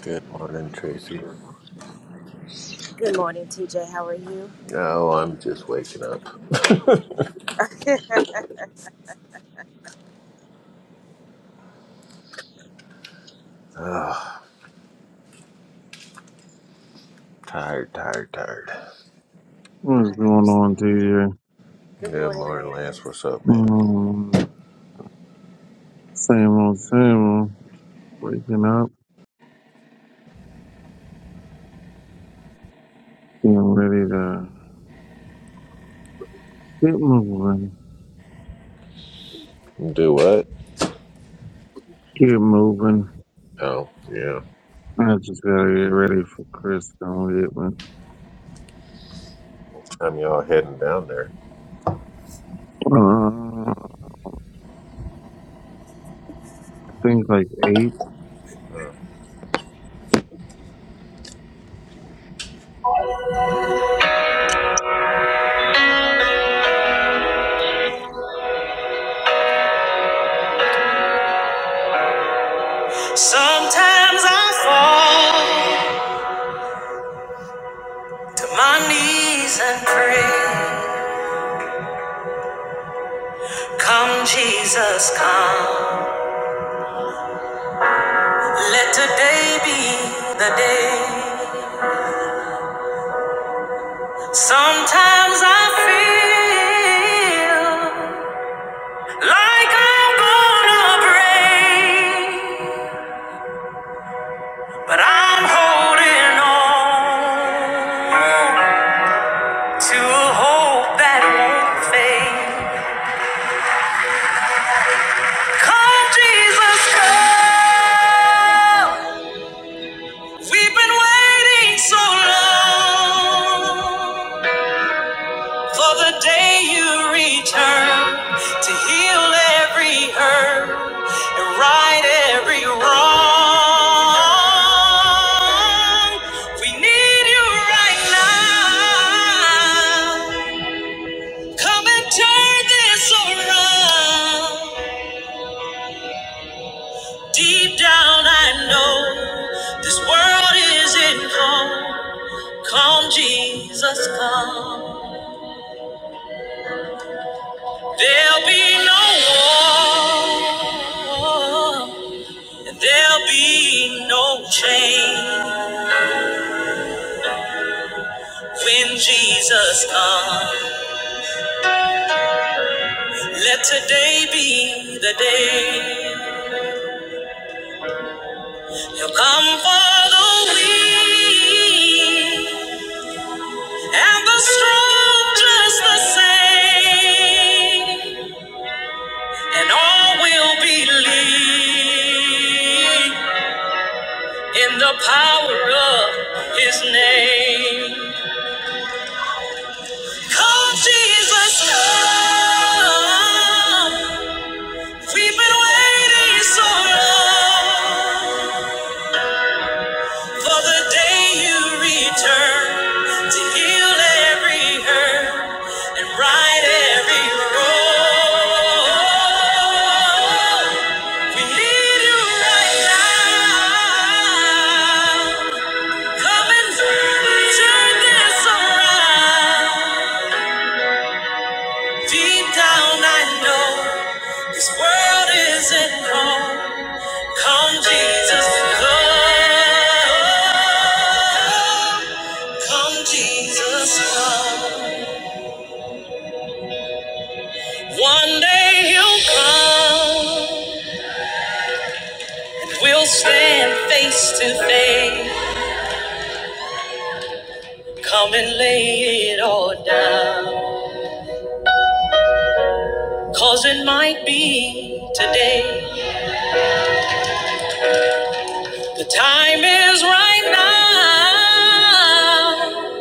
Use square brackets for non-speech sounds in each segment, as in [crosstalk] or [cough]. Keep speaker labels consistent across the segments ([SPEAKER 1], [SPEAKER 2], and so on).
[SPEAKER 1] Good morning, Tracy. Oh, I'm just waking up. [laughs] Ah, tired, tired, tired.
[SPEAKER 2] What's going on, DJ?
[SPEAKER 1] Good morning, Lance. What's up, man?
[SPEAKER 2] Mm, same old, same old. Waking up, getting ready to get moving.
[SPEAKER 1] Do what?
[SPEAKER 2] Get moving.
[SPEAKER 1] Oh, yeah.
[SPEAKER 2] I just gotta get ready for Chris to get me.
[SPEAKER 1] I'm y'all heading down there.
[SPEAKER 2] Uh, I think like
[SPEAKER 3] Sometimes I fall to my knees and pray. Come, Jesus, come. Let today be the day. Sometimes I feel like I'm gonna break, but I'm holding on to a hope that won't fade. Come, Jesus, come. We've been waiting so long for the day you return to heal every hurt and right every wrong. We need you right now. Come and turn this around. Deep down, I know this world isn't home. Come, Jesus, come. There'll be no war, and there'll be no change when Jesus comes. Let today be the day. He'll come for the weak and the strong just the same, and all will believe in the power of his name. Come, Jesus, come. We've been waiting so long for the day you return to heal every hurt and right every wrong. We need you right now. Come and turn, turn this around. Deep down, I know this world isn't home. Come, Jesus, come. Come, Jesus, come. One day he will come. We'll stand face to face. Come and lay it all down. Cause it might be today. The time is right now.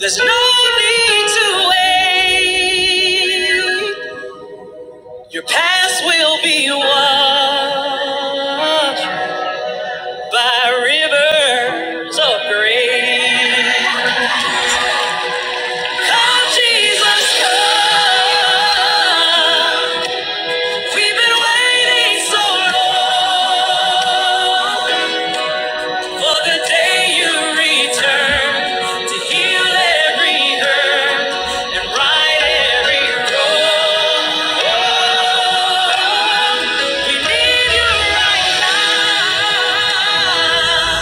[SPEAKER 3] There's no need to wait. Your past will be washed by rivers of grace. Come, Jesus, come. We've been waiting so long for the day you return to heal every hurt and right every wrong. We need you now.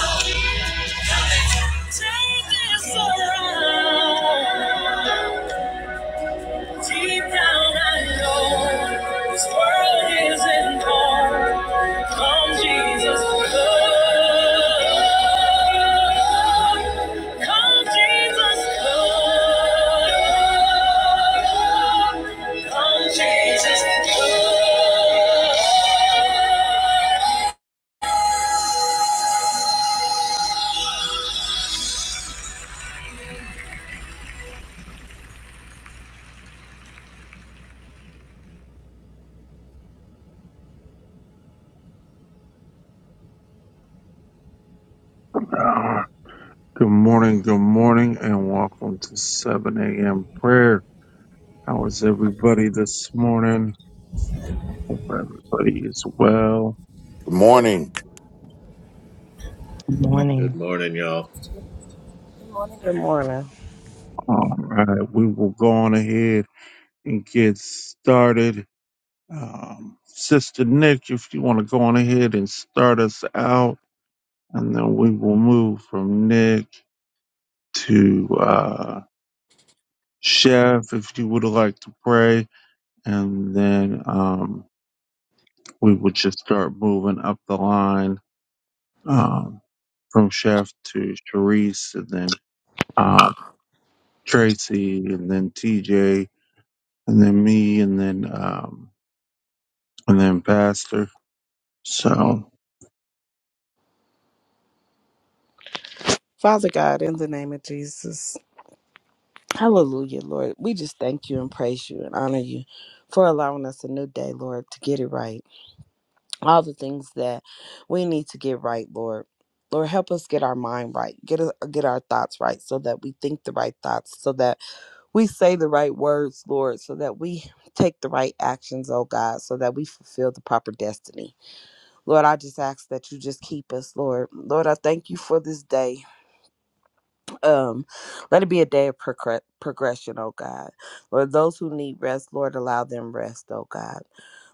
[SPEAKER 3] Come, Jesus, come. Come, Jesus, come. Come, Jesus, come.
[SPEAKER 2] 8. Uh, Good morning, good morning, and welcome to 7 a.m. prayer. How is everybody this morning? Hope everybody is well.
[SPEAKER 4] Good morning.
[SPEAKER 5] Good
[SPEAKER 1] Good
[SPEAKER 5] morning,
[SPEAKER 1] morning, y'all.
[SPEAKER 6] Good morning.
[SPEAKER 2] All right, we will go on ahead and get started. Um, Sister Nick, if you want to go on ahead and start us out, and then we will move from Nick to uh, Chef, if you would like to pray, and then um, we would just start moving up the line um, from Chef to Sharice, and then um, Tracy, and then TJ, and then me, and then um, and then Pastor. So,
[SPEAKER 6] Father God, in the name of Jesus, hallelujah, Lord. We just thank you and praise you and honor you for allowing us a new day, Lord, to get it right. All the things that we need to get right, Lord. Lord, help us get our mind right, get a, get our thoughts right, so that we think the right thoughts, so that we say the right words, Lord, so that we take the right actions, oh God, so that we fulfill the proper destiny. Lord, I just ask that you just keep us, Lord. Lord, I thank you for this day. um let it be a day of progre- progression oh god lord those who need rest lord allow them rest oh god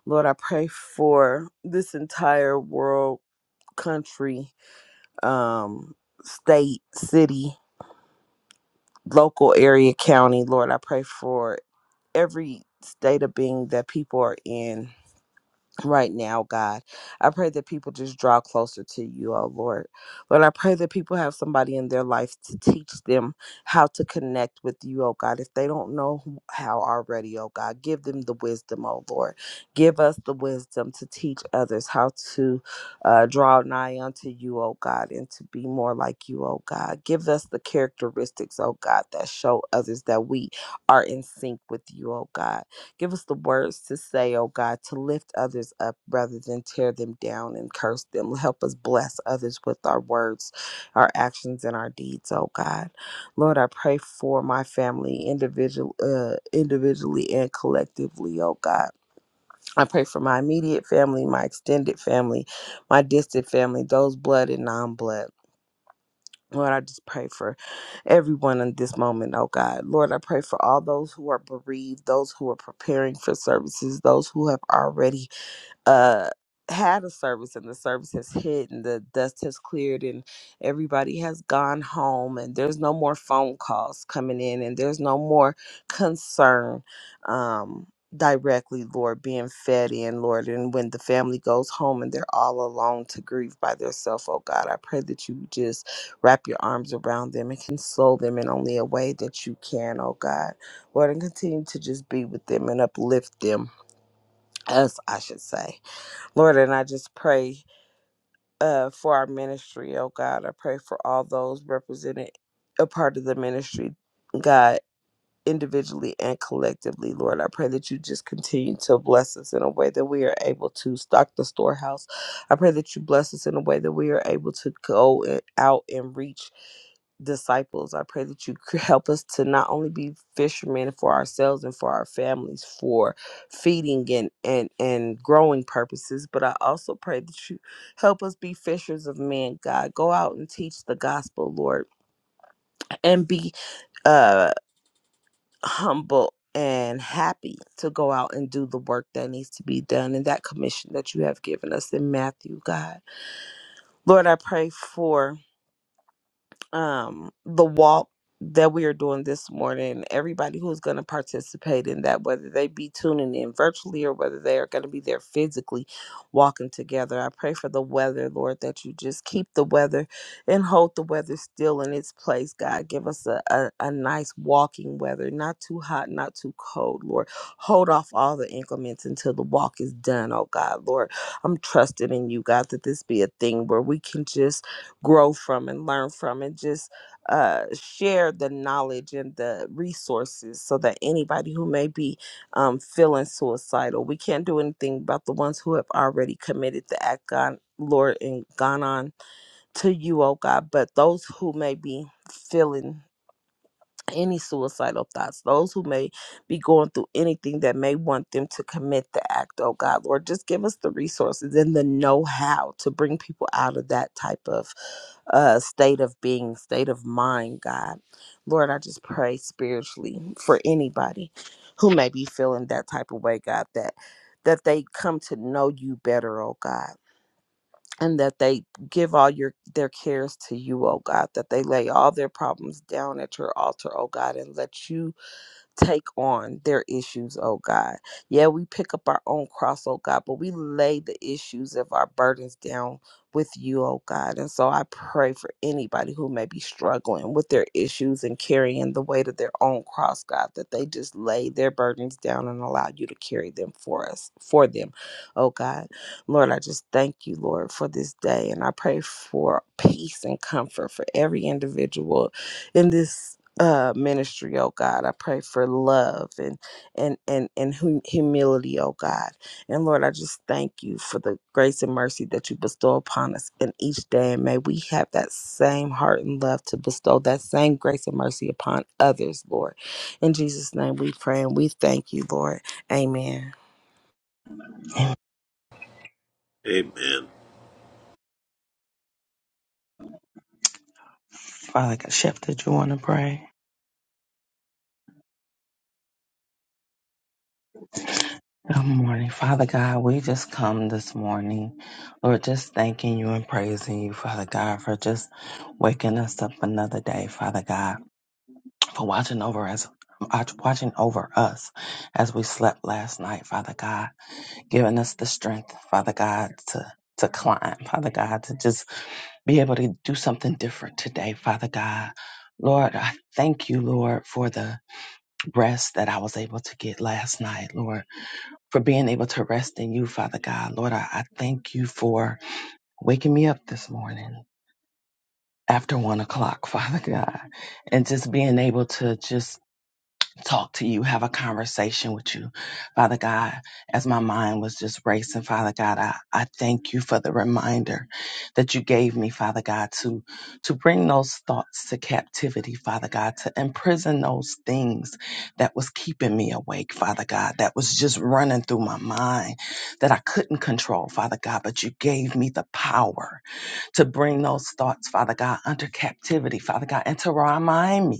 [SPEAKER 6] lord i pray for this entire world country um state city local area county lord i pray for every state of being that people are in right now, God. I pray that people just draw closer to you, oh Lord. Lord, I pray that people have somebody in their life to teach them how to connect with you, oh God. If they don't know who- how already, oh God, give them the wisdom, oh Lord. Give us the wisdom to teach others how to uh, draw nigh unto you, oh God, and to be more like you, oh God. Give us the characteristics, oh God, that show others that we are in sync with you, oh God. Give us the words to say, oh God, to lift others up rather than tear them down and curse them. Help us bless others with our words, our actions, and our deeds, oh God. Lord, I pray for my family individual, uh, individually and collectively, oh God. I pray for my immediate family, my extended family, my distant family, those blood and non blood. Lord, I just pray for everyone in this moment, oh God. Lord, I pray for all those who are bereaved, those who are preparing for services, those who have already uh had a service and the service has hit and the dust has cleared and everybody has gone home and there's no more phone calls coming in and there's no more concern um directly lord being fed in lord and when the family goes home and they're all alone to grieve by themselves oh god i pray that you just wrap your arms around them and console them in only a way that you can oh god lord and continue to just be with them and uplift them us i should say Lord, and I just pray uh, for our ministry, oh God. I pray for all those represented, a part of the ministry, God individually and collectively, Lord. I pray that you just continue to bless us in a way that we are able to stock the storehouse. I pray that you bless us in a way that we are able to go and- out and reach disciples. I pray that you [laughs] c- help us to not only be fishermen for ourselves and for our families for feeding and and and growing purposes, but I also pray that you help us be fishers of men, God. Go out and teach the gospel, Lord, and be uh humble and happy to go out and do the work that needs to be done in that commission that you have given us in Matthew, God. Lord, I pray for um the walk that we are doing this morning everybody who's going to participate in that whether they be tuning in virtually or whether they are going to be there physically walking together i pray for the weather lord that you just keep the weather and hold the weather still in its place god give us a, a, a nice walking weather not too hot not too cold lord hold off all the increments until the walk is done oh god lord i'm trusting in you god that this be a thing where we can just grow from and learn from and just uh, share the knowledge and the resources so that anybody who may be um, feeling suicidal we can't do anything about the ones who have already committed the act god lord and gone on to you oh god but those who may be feeling any suicidal thoughts, those who may be going through anything that may want them to commit the act, oh God, Lord, just give us the resources and the know how to bring people out of that type of uh, state of being, state of mind, God. Lord, I just pray spiritually for anybody who may be feeling that type of way, God, that that they come to know you better, oh God and that they give all your their cares to you, oh God, that they lay all their problems down at your altar, oh God, and let you take on their issues, oh God. Yeah, we pick up our own cross, oh God, but we lay the issues of our burdens down with you, oh God. And so I pray for anybody who may be struggling with their issues and carrying the weight of their own cross, God, that they just lay their burdens down and allow you to carry them for us, for them, oh God. Lord, I just thank you, Lord, for this day. And I pray for peace and comfort for every individual in this uh ministry oh god i pray for love and and and and hum- humility oh god and lord i just thank you for the grace and mercy that you bestow upon us in each day and may we have that same heart and love to bestow that same grace and mercy upon others lord in jesus name we pray and we thank you lord amen
[SPEAKER 1] Amen.
[SPEAKER 5] Father God. Chef, did you want to pray? Good morning, Father God. We just come this morning, Lord, just thanking you and praising you, Father God, for just waking us up another day, Father God, for watching over us. watch- Watching over us as we slept last night, Father God, giving us the strength, Father God, to to climb, Father God, to just be able to do something different today, Father God. Lord, I thank you, Lord, for the rest that I was able to get last night, Lord, for being able to rest in you, Father God. Lord, I, I thank you for waking me up this morning after one o'clock, [laughs] Father God, and just being able to just talk to you, have a conversation with you. Father God, as my mind was just racing, Father God, I, I thank you for the reminder that you gave me, Father God, to to bring those thoughts to captivity, Father God, to imprison those things that was keeping me awake, Father God, that was just running through my mind that I couldn't control, Father God, but you gave me the power to bring those thoughts, Father God, under captivity, Father God, and to remind me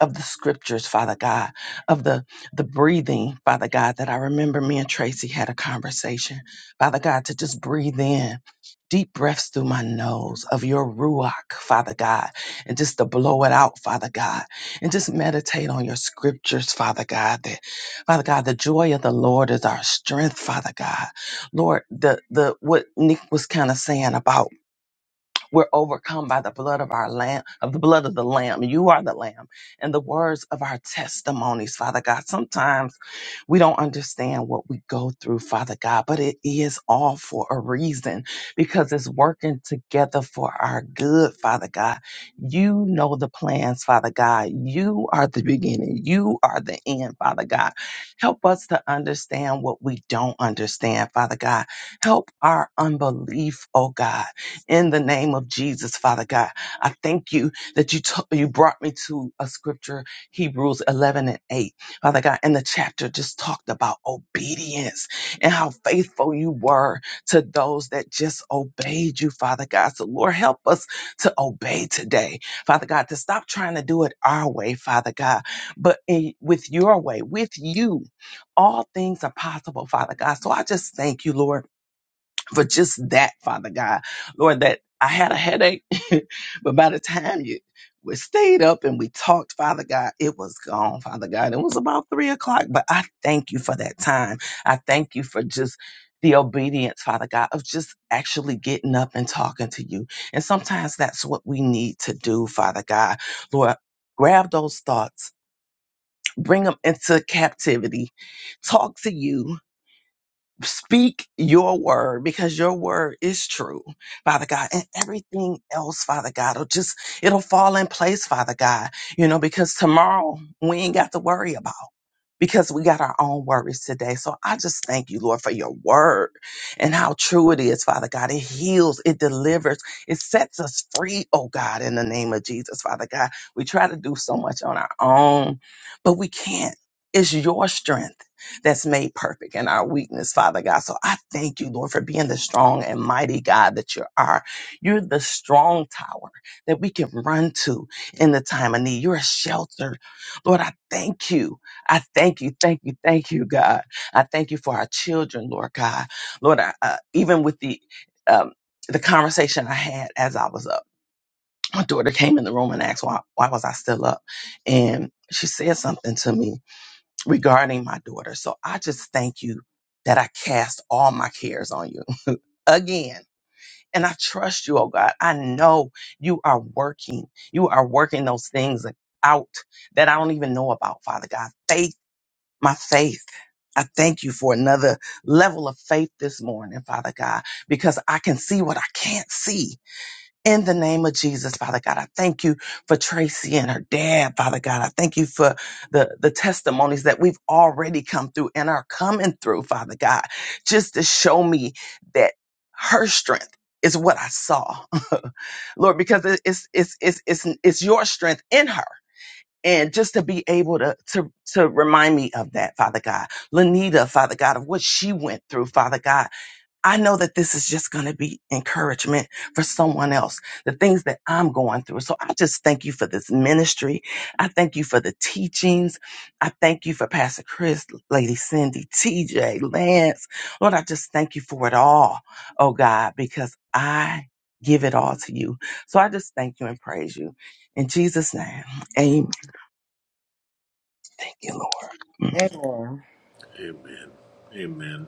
[SPEAKER 5] of the scriptures, Father God, of the, the breathing, Father God, that I remember me and Tracy had a conversation, Father God, to just breathe in deep breaths through my nose of your ruach, Father God, and just to blow it out, Father God, and just meditate on your scriptures, Father God. That, Father God, the joy of the Lord is our strength, Father God. Lord, the the what Nick was kind of saying about. We're overcome by the blood of our lamb, of the blood of the lamb. You are the lamb and the words of our testimonies, Father God. Sometimes we don't understand what we go through, Father God, but it is all for a reason because it's working together for our good, Father God. You know the plans, Father God. You are the beginning, you are the end, Father God. Help us to understand what we don't understand, Father God. Help our unbelief, oh God, in the name of Jesus, Father God. I thank you that you, to- you brought me to a scripture Hebrews 11 and 8 Father God, and the chapter just talked about obedience and how faithful you were to those that just obeyed you, Father God. So, Lord, help us to obey today, Father God, to stop trying to do it our way, Father God, but in, with your way, with you, all things are possible, Father God. So, I just thank you, Lord for just that, Father God. Lord, that I had a headache, [laughs] but by the time you we stayed up and we talked, Father God, it was gone, Father God. It was about three o'clock, but I thank you for that time. I thank you for just the obedience, Father God, of just actually getting up and talking to you. And sometimes that's what we need to do, Father God. Lord, grab those thoughts, bring them into captivity, talk to you, speak your word because your word is true, Father God, and everything else, Father God, will just, it'll fall in place, Father God, you know, because tomorrow we ain't got to worry about because we got our own worries today. So I just thank you, Lord, for your word and how true it is, Father God. It heals, it delivers, it sets us free, oh God, in the name of Jesus, Father God. We try to do so much on our own, but we can't. It's your strength that's made perfect in our weakness, Father God. So I thank you, Lord, for being the strong and mighty God that you are. You're the strong tower that we can run to in the time of need. You're a shelter. Lord, I thank you I thank you, thank you, thank you, God. I thank you for our children, Lord God. Lord, I, uh, even with the um, the conversation I had as I was up, my daughter came in the room and asked why why was I still up, and she said something to me regarding my daughter. So I just thank you that I cast all my cares on you [laughs] again. And I trust you, oh God. I know you are working. You are working those things out that I don't even know about, Father God. Faith, my faith. I thank you for another level of faith this morning, Father God, because I can see what I can't see. In the name of Jesus, Father God, I thank you for Tracy and her dad, Father God. I thank you for the, the testimonies that we've already come through and are coming through, Father God, just to show me that her strength is what I saw. [laughs] Lord, because it- it's, it's, it's, it's, it's your strength in her and just to be able to to to remind me of that father god lanita father god of what she went through father god i know that this is just going to be encouragement for someone else the things that i'm going through so i just thank you for this ministry i thank you for the teachings i thank you for pastor chris lady cindy tj lance lord i just thank you for it all oh god because i give it all to you so i just thank you and praise you in jesus name Amen you, Lord. Mm.
[SPEAKER 6] Amen.
[SPEAKER 1] Amen. Amen.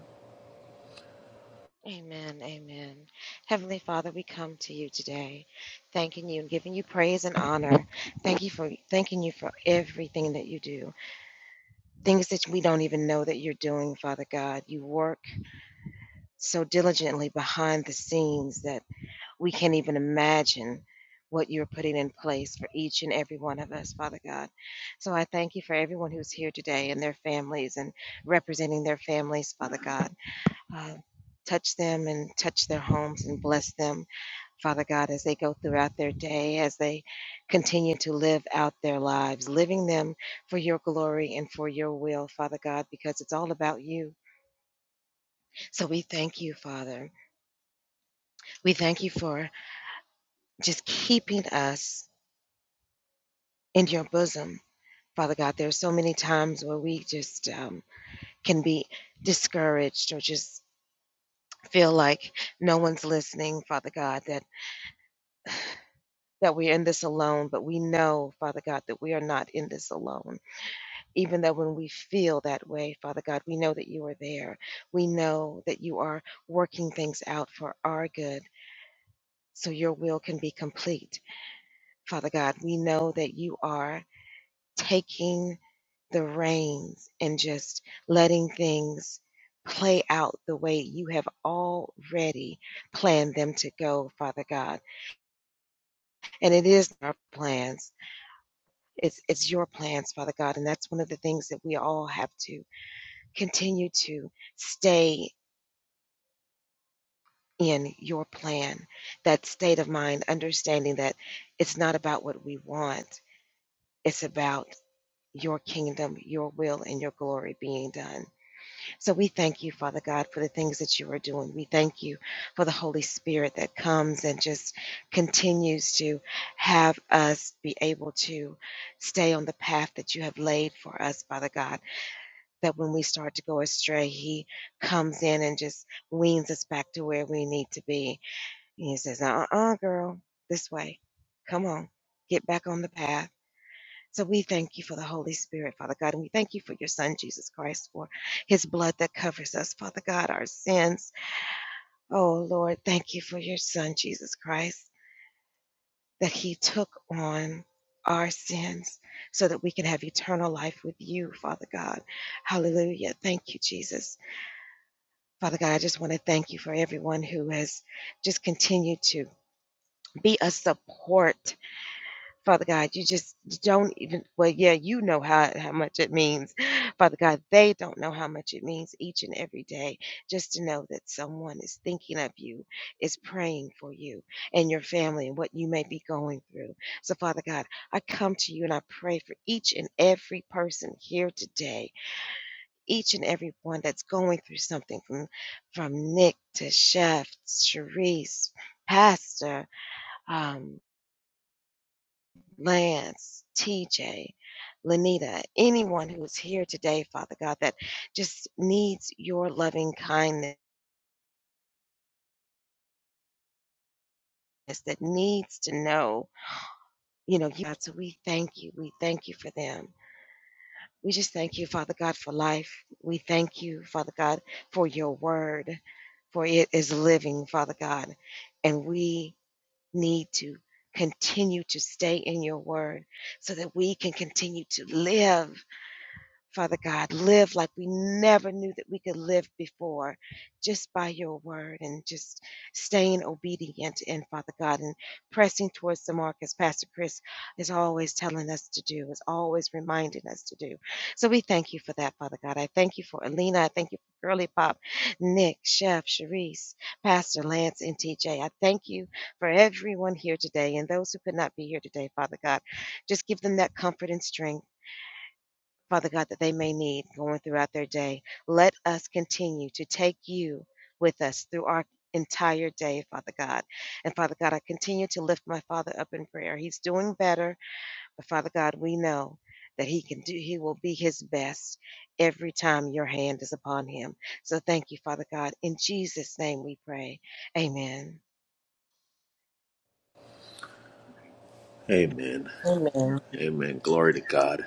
[SPEAKER 1] Amen.
[SPEAKER 6] Amen.
[SPEAKER 1] Amen. Glory to God.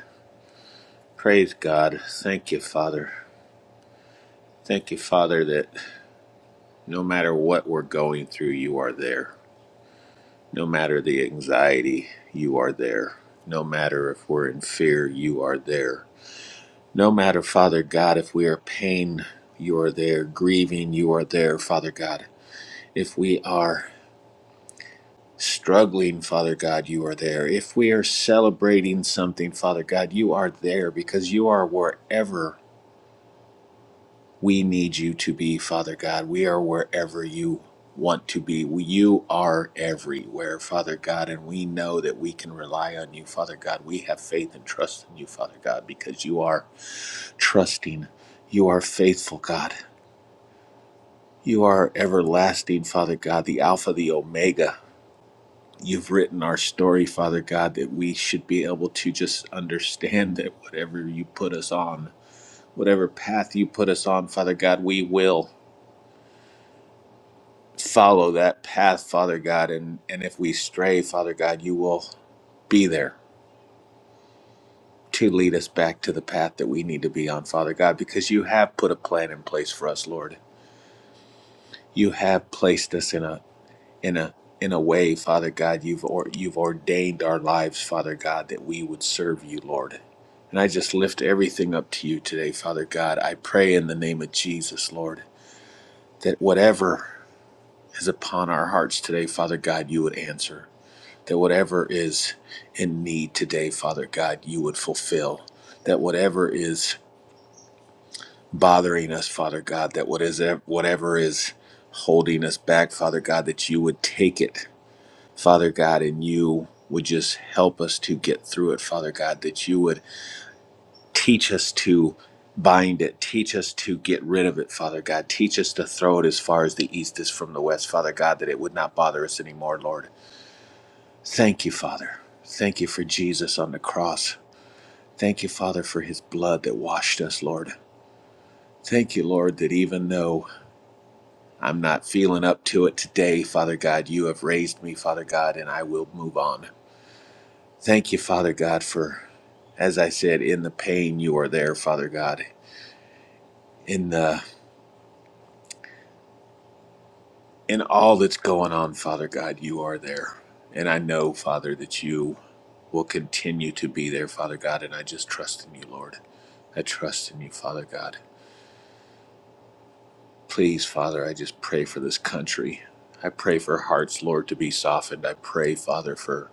[SPEAKER 1] Praise God. Thank you, Father. Thank you, Father, that no matter what we're going through, you are there. No matter the anxiety, you are there. No matter if we're in fear, you are there. No matter, Father God, if we are pain, you are there. Grieving, you are there, Father God. If we are struggling, Father God, you are there. If we are celebrating something, Father God, you are there because you are wherever We need you to be, Father God. We are wherever you want to be. You are everywhere, Father God, and we know that we can rely on you, Father God. We have faith and trust in you, Father God, because you are trusting. You are faithful, God. You are everlasting, Father God, the Alpha, the Omega. You've written our story, Father God, that we should be able to just understand that whatever you put us on, whatever path you put us on, Father God, we will. follow that path, Father God. And, and if we stray, Father God, you will be there to lead us back to the path that we need to be on, Father God, because you have put a plan in place for us, Lord. You have placed us in a in a in a way, Father God, you've or, you've ordained our lives, Father God, that we would serve you, Lord. And I just lift everything up to you today, Father God. I pray in the name of Jesus, Lord, that whatever is upon our hearts today, Father God, you would answer. that whatever is in need today, Father God, you would fulfill. That whatever is bothering us, Father God, that what is whatever is holding us back, Father God, that you would take it, Father God, and you would just help us to get through it, Father God, that you would teach us to bind it, teach us to get rid of it, Father God, teach us to throw it as far as the east is from the west, Father God, that it would not bother us anymore, Lord. Thank you, Father. Thank you for Jesus on the cross. Thank you, Father, for his blood that washed us, Lord. Thank you, Lord, that even though I'm not feeling up to it today, Father God, you have raised me, Father God, and I will move on. Thank you, Father God, for, as I said, in the pain, you are there, Father God. In the in all that's going on, Father God, you are there. And I know, Father, that you will continue to be there, Father God, and I just trust in you, Lord. I trust in you, Father God. Please, Father, I just pray for this country. I pray for hearts, Lord, to be softened. I pray, Father, for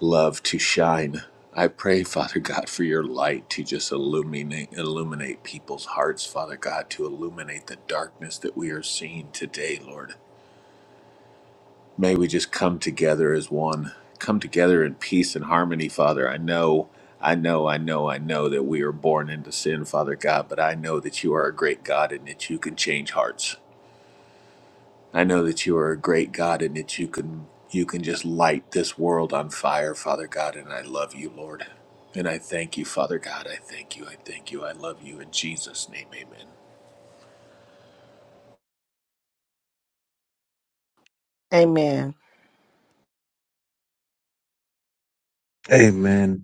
[SPEAKER 1] love to shine. I pray, Father God, for your light to just illuminate illuminate people's hearts, Father God, to illuminate the darkness that we are seeing today, Lord. May we just come together as one. Come together in peace and harmony, Father. I know, I know, I know, I know that we are born into sin, Father God, but I know that you are a great God and that you can change hearts. I know that you are a great God and that you can you can just light this world on fire, Father God, and I love you, Lord. And I thank you, Father God. I thank you. I thank you. I love you in Jesus' name. Amen.
[SPEAKER 6] Amen.
[SPEAKER 2] Amen.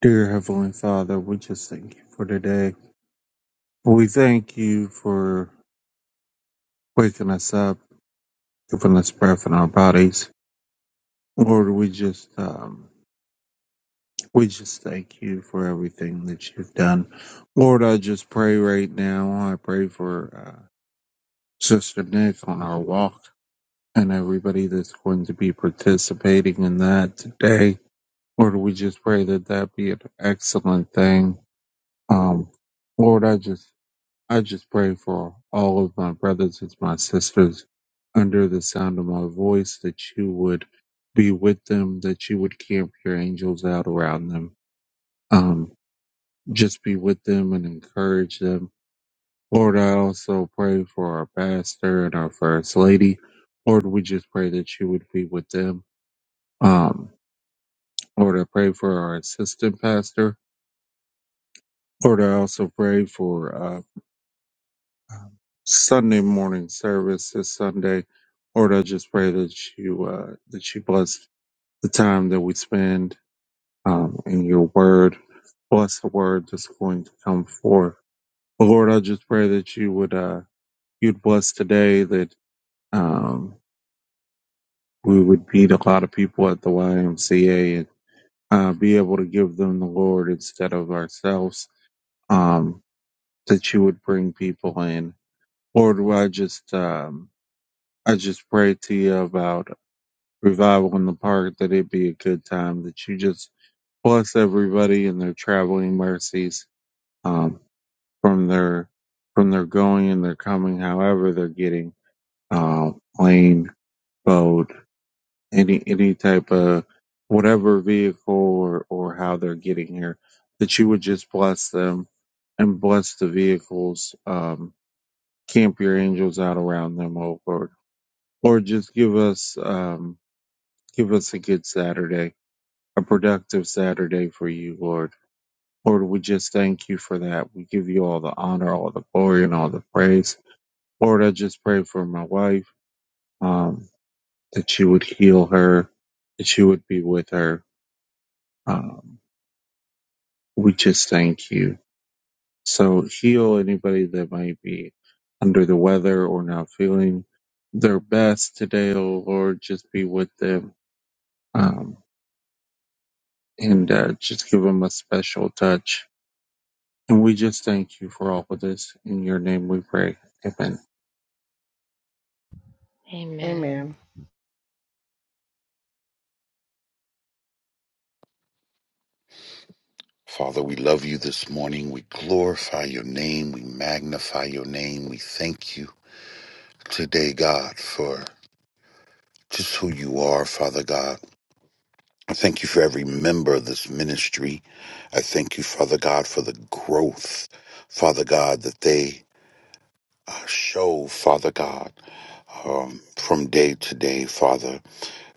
[SPEAKER 2] Dear Heavenly Father, we just thank you for today. We thank you for waking us up, giving us breath in our bodies. Lord, we just um, we just thank you for everything that you've done. Lord, I just pray right now. I pray for uh, Sister Nick on our walk and everybody that's going to be participating in that today. Lord, we just pray that that be an excellent thing. Um, Lord, I just I just pray for all of my brothers and my sisters under the sound of my voice that you would be with them, that you would camp your angels out around them. Um, just be with them and encourage them. Lord, I also pray for our pastor and our first lady. Lord, we just pray that you would be with them. Um, Lord, I pray for our assistant pastor. Lord, I also pray for uh, Sunday morning service this Sunday. Lord, I just pray that you uh, that you bless the time that we spend um, in your word. Bless the word that's going to come forth. But Lord, I just pray that you would uh, you'd bless today that um, we would meet a lot of people at the YMCA and uh, be able to give them the Lord instead of ourselves. Um, that you would bring people in. Lord, I just um, I just pray to you about revival in the park that it'd be a good time that you just bless everybody and their traveling mercies um, from their from their going and their coming however they're getting uh, plane boat any any type of whatever vehicle or, or how they're getting here that you would just bless them and bless the vehicles um, camp your angels out around them oh lord or just give us um, give us a good saturday a productive Saturday for you, Lord. Lord, we just thank you for that. We give you all the honor, all the glory, and all the praise. Lord, I just pray for my wife um, that you would heal her, that you would be with her. Um, we just thank you. So heal anybody that might be under the weather or not feeling their best today, oh Lord. Just be with them um, and uh, just give them a special touch And we just thank you for all of this. In your name we pray. Amen.
[SPEAKER 6] Amen.
[SPEAKER 4] Father, we love you this morning. We glorify your name. We magnify your name. We thank you today, God, for just who you are, Father God. I thank you for every member of this ministry. I thank you, Father God, for the growth, Father God, that they uh, show, Father God, um, from day to day, Father.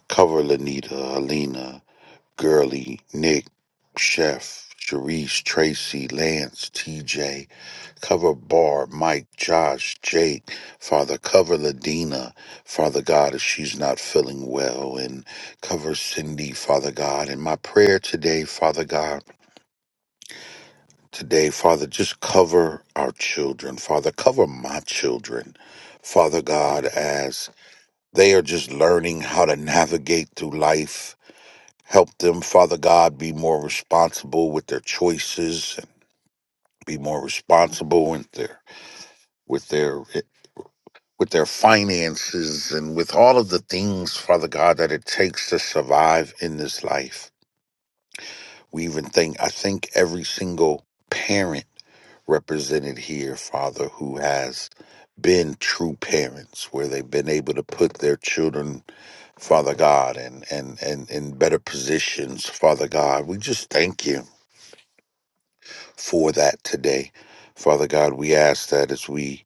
[SPEAKER 4] Cover Lanita, Alina, Gurley, Nick, Chef, Sharice, Tracy, Lance, TJ, Cover Bar, Mike, Josh, Jake, Father Cover Ladina, Father God, if she's not feeling well, and cover Cindy, Father God. And my prayer today, Father God, today, Father, just cover our children, Father, cover my children, Father God, as they are just learning how to navigate through life Help them, Father God, be more responsible with their choices and be more responsible with their with their with their finances and with all of the things, Father God, that it takes to survive in this life. We even think I think every single parent represented here, Father, who has been true parents, where they've been able to put their children, Father God, and and and in better positions, Father God. We just thank you. for that today. Father God, we ask that as we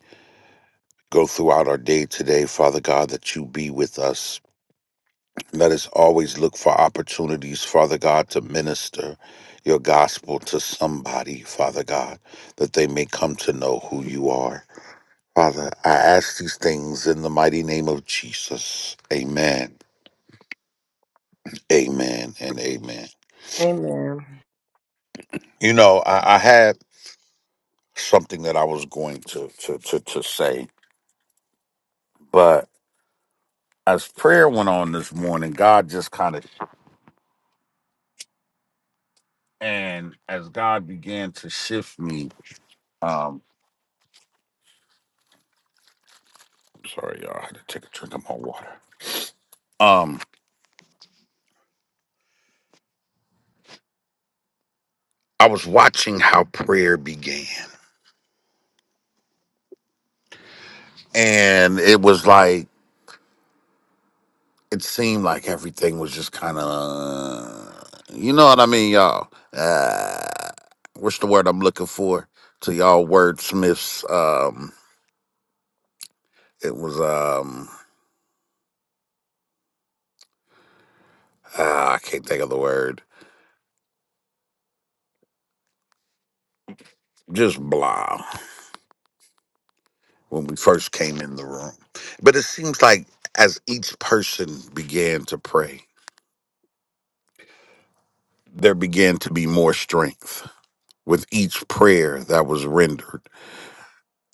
[SPEAKER 4] go throughout our day today, Father God, that you be with us. Let us always look for opportunities, Father God, to minister your gospel to somebody, Father God, that they may come to know who you are. Father, I ask these things in the mighty name of Jesus. Amen, amen, and amen.
[SPEAKER 6] Amen.
[SPEAKER 4] You know, I, I had something that I was going to to to, to say, but as prayer went on this morning, God just kind of and as God began to shift me, um, sorry, y'all, I had to take a drink of my water. Um, I was watching how prayer began, and it was like it seemed like everything was just kind of, you know what I mean, y'all. Uh, what's the word I'm looking for? To y'all wordsmiths, um, it was um, ah, I can't think of the word. Just blah. when we first came in the room. But it seems like as each person began to pray, there began to be more strength with each prayer that was rendered.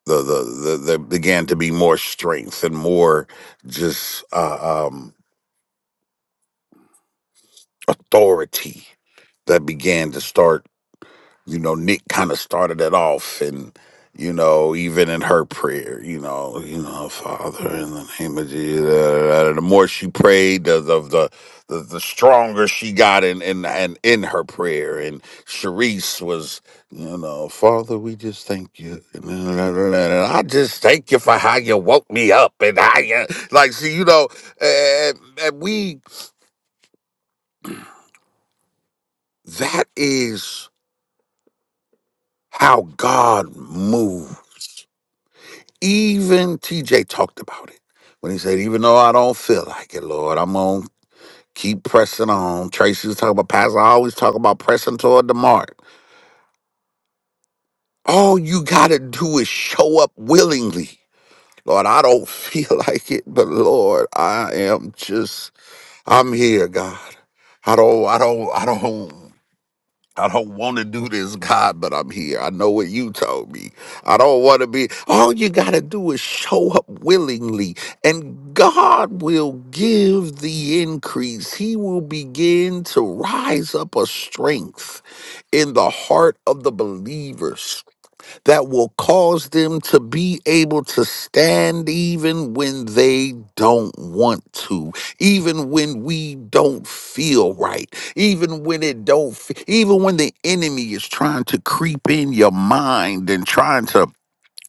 [SPEAKER 4] The the the, there began to be more strength and more just uh, um, authority that began to start you know, Nick kind of started it off, and you know, even in her prayer, you know, you know, Father, in the name of Jesus. The more she prayed, the the the, the, the stronger she got in in and in her prayer. And Sharice was, you know, Father, we just thank you. And I just thank you for how you woke me up, and how you like, see, you know, and, and we that is how God moves Even TJ talked about it when he said, even though I don't feel like it, Lord, I'm gonna keep pressing on. Tracy was talking about Pastor I always talk about pressing toward the mark. All you gotta do is show up willingly. Lord, I don't [laughs] feel like it, but Lord, I am just I'm here, God. I don't I don't I don't I don't want to do this, God, but I'm here. I know what you told me. I don't want to be. All you got to do is show up willingly, and God will give the increase. He will begin to rise up a strength in the heart of the believers that will cause them to be able to stand even when they don't want to, even when we don't feel right, even when it don't, fe- even when the enemy is trying to creep in your mind and trying to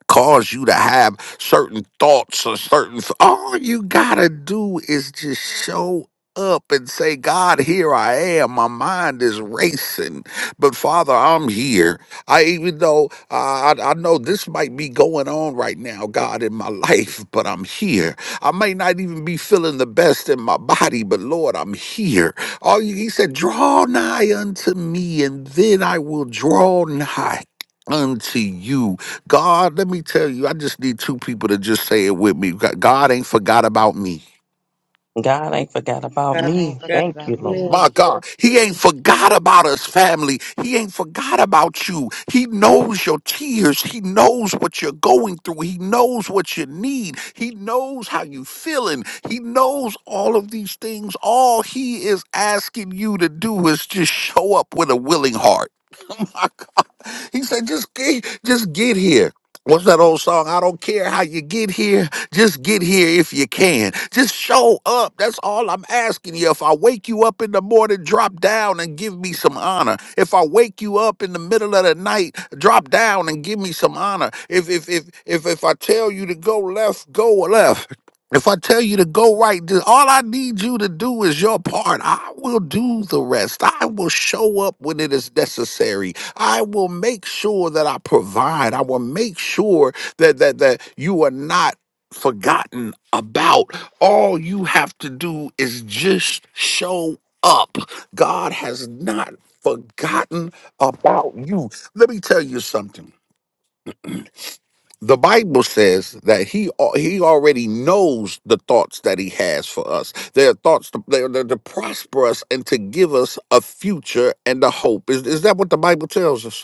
[SPEAKER 4] cause you to have certain thoughts or certain f- all you gotta do is just show up and say god here i am my mind is racing but father i'm here i even though uh, I, I know this might be going on right now god in my [laughs] life but i'm here i may not even be feeling the best in my body but lord i'm here all you, he said draw nigh unto me and then i will draw nigh unto you God, let me tell you, I just need two people to just say it with me. God God ain't forgot about me.
[SPEAKER 5] God ain't forgot about
[SPEAKER 6] God,
[SPEAKER 5] me.
[SPEAKER 6] God,
[SPEAKER 5] Thank you, Lord.
[SPEAKER 6] amen.
[SPEAKER 4] My God, He ain't forgot about us, family. He ain't forgot about you. He knows your tears. He knows what you're going through. He knows what you need. He knows how you feeling. He knows all of these things. All He is asking you to do is just show up with a willing heart. my God. He said, just get, just get here. What's that old song? I don't care how you get here. Just get here if you can. Just show up. That's all I'm asking you. If I wake you up in the morning, drop down and give me some honor. If I wake you up in the middle of the night, drop down and give me some honor. If if if if if I tell you to go left, go left. If I tell you to go right, just- all I need you to do is your part. I will do the rest. I will show up when it is necessary. I will make sure that I provide. I will make sure that that that you are not forgotten about. All you have to do is just show up. God has not forgotten about you. Let me tell you something. The Bible says that he al- he already knows the thoughts that he has for us. They are thoughts to, they're, they're to prosper us and to give us a future and a hope. Is, is that what the Bible tells us?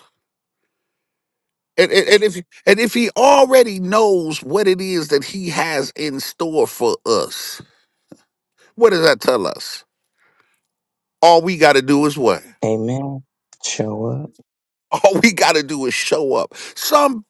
[SPEAKER 4] And, and, and if and if he already knows what it is that he has in store for us, what does that tell us? All we got to do is what?
[SPEAKER 5] Amen. Show up.
[SPEAKER 4] [laughs] All we got to do is show up. Some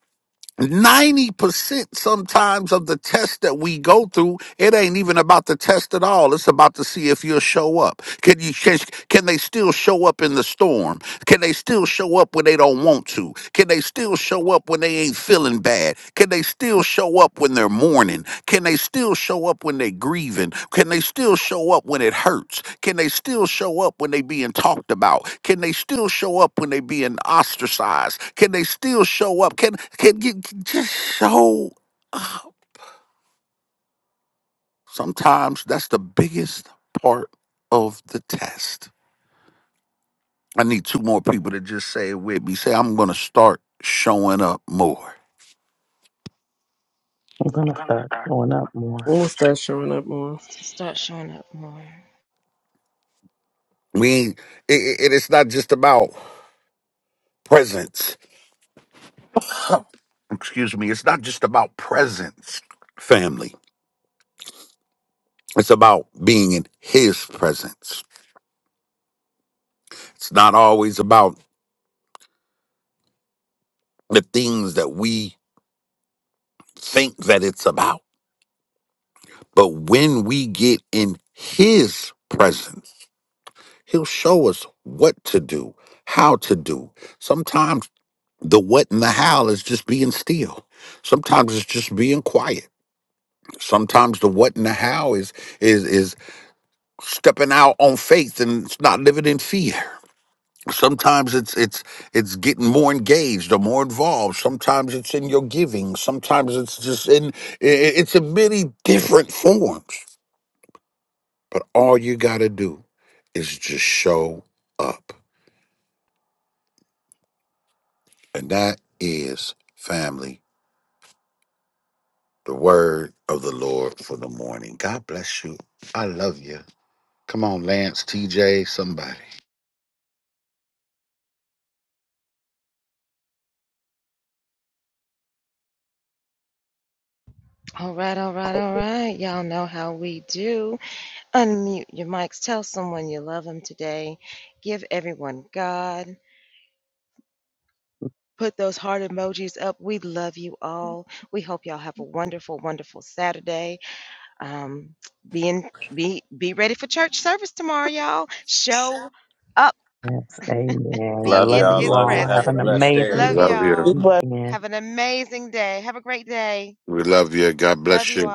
[SPEAKER 4] 90% sometimes of the test that we go through, it ain't even about the test at all. It's about to see if you'll show up. Can you can, can they still show up in the storm? Can they still show up when they don't want to? Can they still show up when they ain't feeling bad? Can they still show up when they're mourning? Can they still show up when they grieving? Can they still show up when it hurts? Can they still show up when they being talked about? Can they still show up when they being ostracized? Can they still show up? Can can you just show? Sometimes that's the biggest part of the test. I need two more people to just say it with me. Say I'm gonna start showing up more.
[SPEAKER 5] I'm going to start showing up more.
[SPEAKER 6] we'll start showing up more
[SPEAKER 4] We ain't, it, it, it- it's not just about presence. Excuse me. It's not just about presence, family It's about being in his presence. It's not always about the things that we think that it's about. But when we get in his presence, he'll show us what to do, how to do. Sometimes the what and the how is just being still. Sometimes it's just being quiet. Sometimes the what and the how is is is stepping out on faith and it's not living in fear. sometimes it's it's it's getting more engaged or more involved sometimes it's in your giving sometimes it's just in i- i- it's in many different forms but all you got to do is just show up and that is family the word of the lord for the morning god bless you i love you come on lance tj somebody
[SPEAKER 5] Yes, amen.
[SPEAKER 1] Love
[SPEAKER 5] Love
[SPEAKER 1] y'all.
[SPEAKER 5] you
[SPEAKER 1] Love
[SPEAKER 5] all.
[SPEAKER 1] you.
[SPEAKER 5] Have
[SPEAKER 1] Have a
[SPEAKER 5] an
[SPEAKER 1] blessed day,
[SPEAKER 4] we
[SPEAKER 5] amazing
[SPEAKER 4] love
[SPEAKER 1] everybody.
[SPEAKER 4] you
[SPEAKER 5] weekend.
[SPEAKER 4] we love you god bless you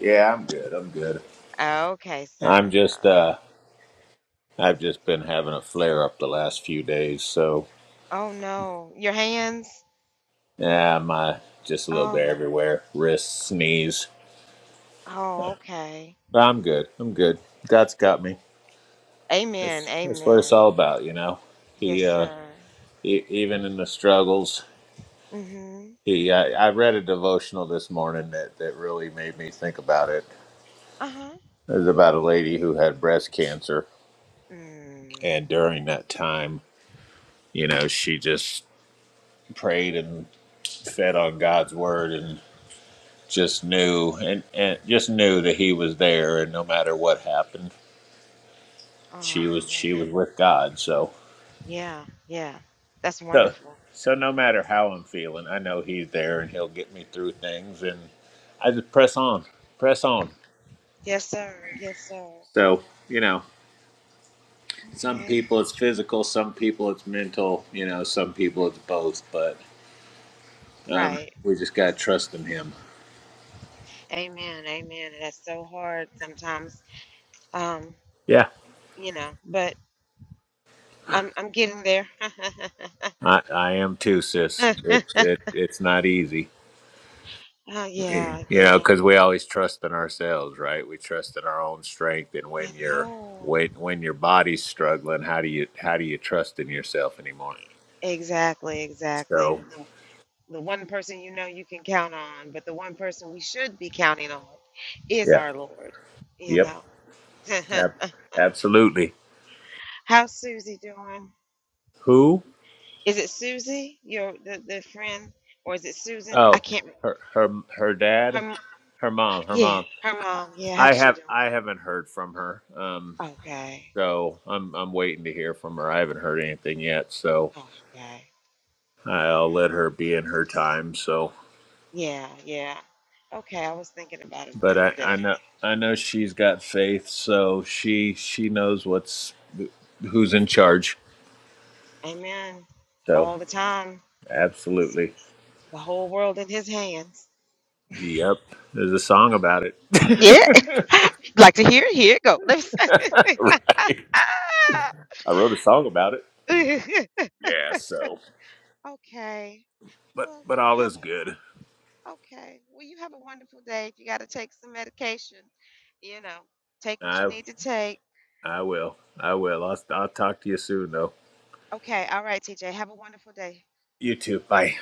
[SPEAKER 1] Yeah, I'm good. I'm good. I'm just uh I've just been having a flare up the last few days, so yeah, my just a little bit everywhere. Wrist, sneeze. But I'm good. I'm good. God's got me. That's that's what it's all about, you know. He uh E- even in the struggles. He, I, I read a devotional this morning that, that really made me think about it. It was about a lady who had breast cancer, and during that time, you know, she just prayed and fed on God's word and just knew and, and just knew that He was there, and no matter what happened, she was she was with God. So, so, so no matter how I'm feeling, I know He's there and He'll get me through things, and I just press on, press on. So, you know, some people it's physical, some people it's mental, you know, some people it's both, but um, we just got to trust in him. Yeah. I, I am too, sis. It's it, it's not easy, you know, because we always trust in ourselves, right? We trust in our own strength, and when you're when when your body's struggling, how do you how do you trust in yourself anymore? So yeah, yep, ab- absolutely. Who? Oh, her her her dad, her mom, her mom. I have I haven't heard from her. Um, so I'm I'm waiting to hear from her. I haven't heard anything yet, so I'll let her be in her time. So, but I, I know I know she's got faith, so she she knows what's who's in charge. So absolutely, yep. There's a song about it. [laughs] right. I wrote a song about it. Yeah. So, but but all is good. I I will. I will. I'll, I'll talk to you soon, though. You too. Bye.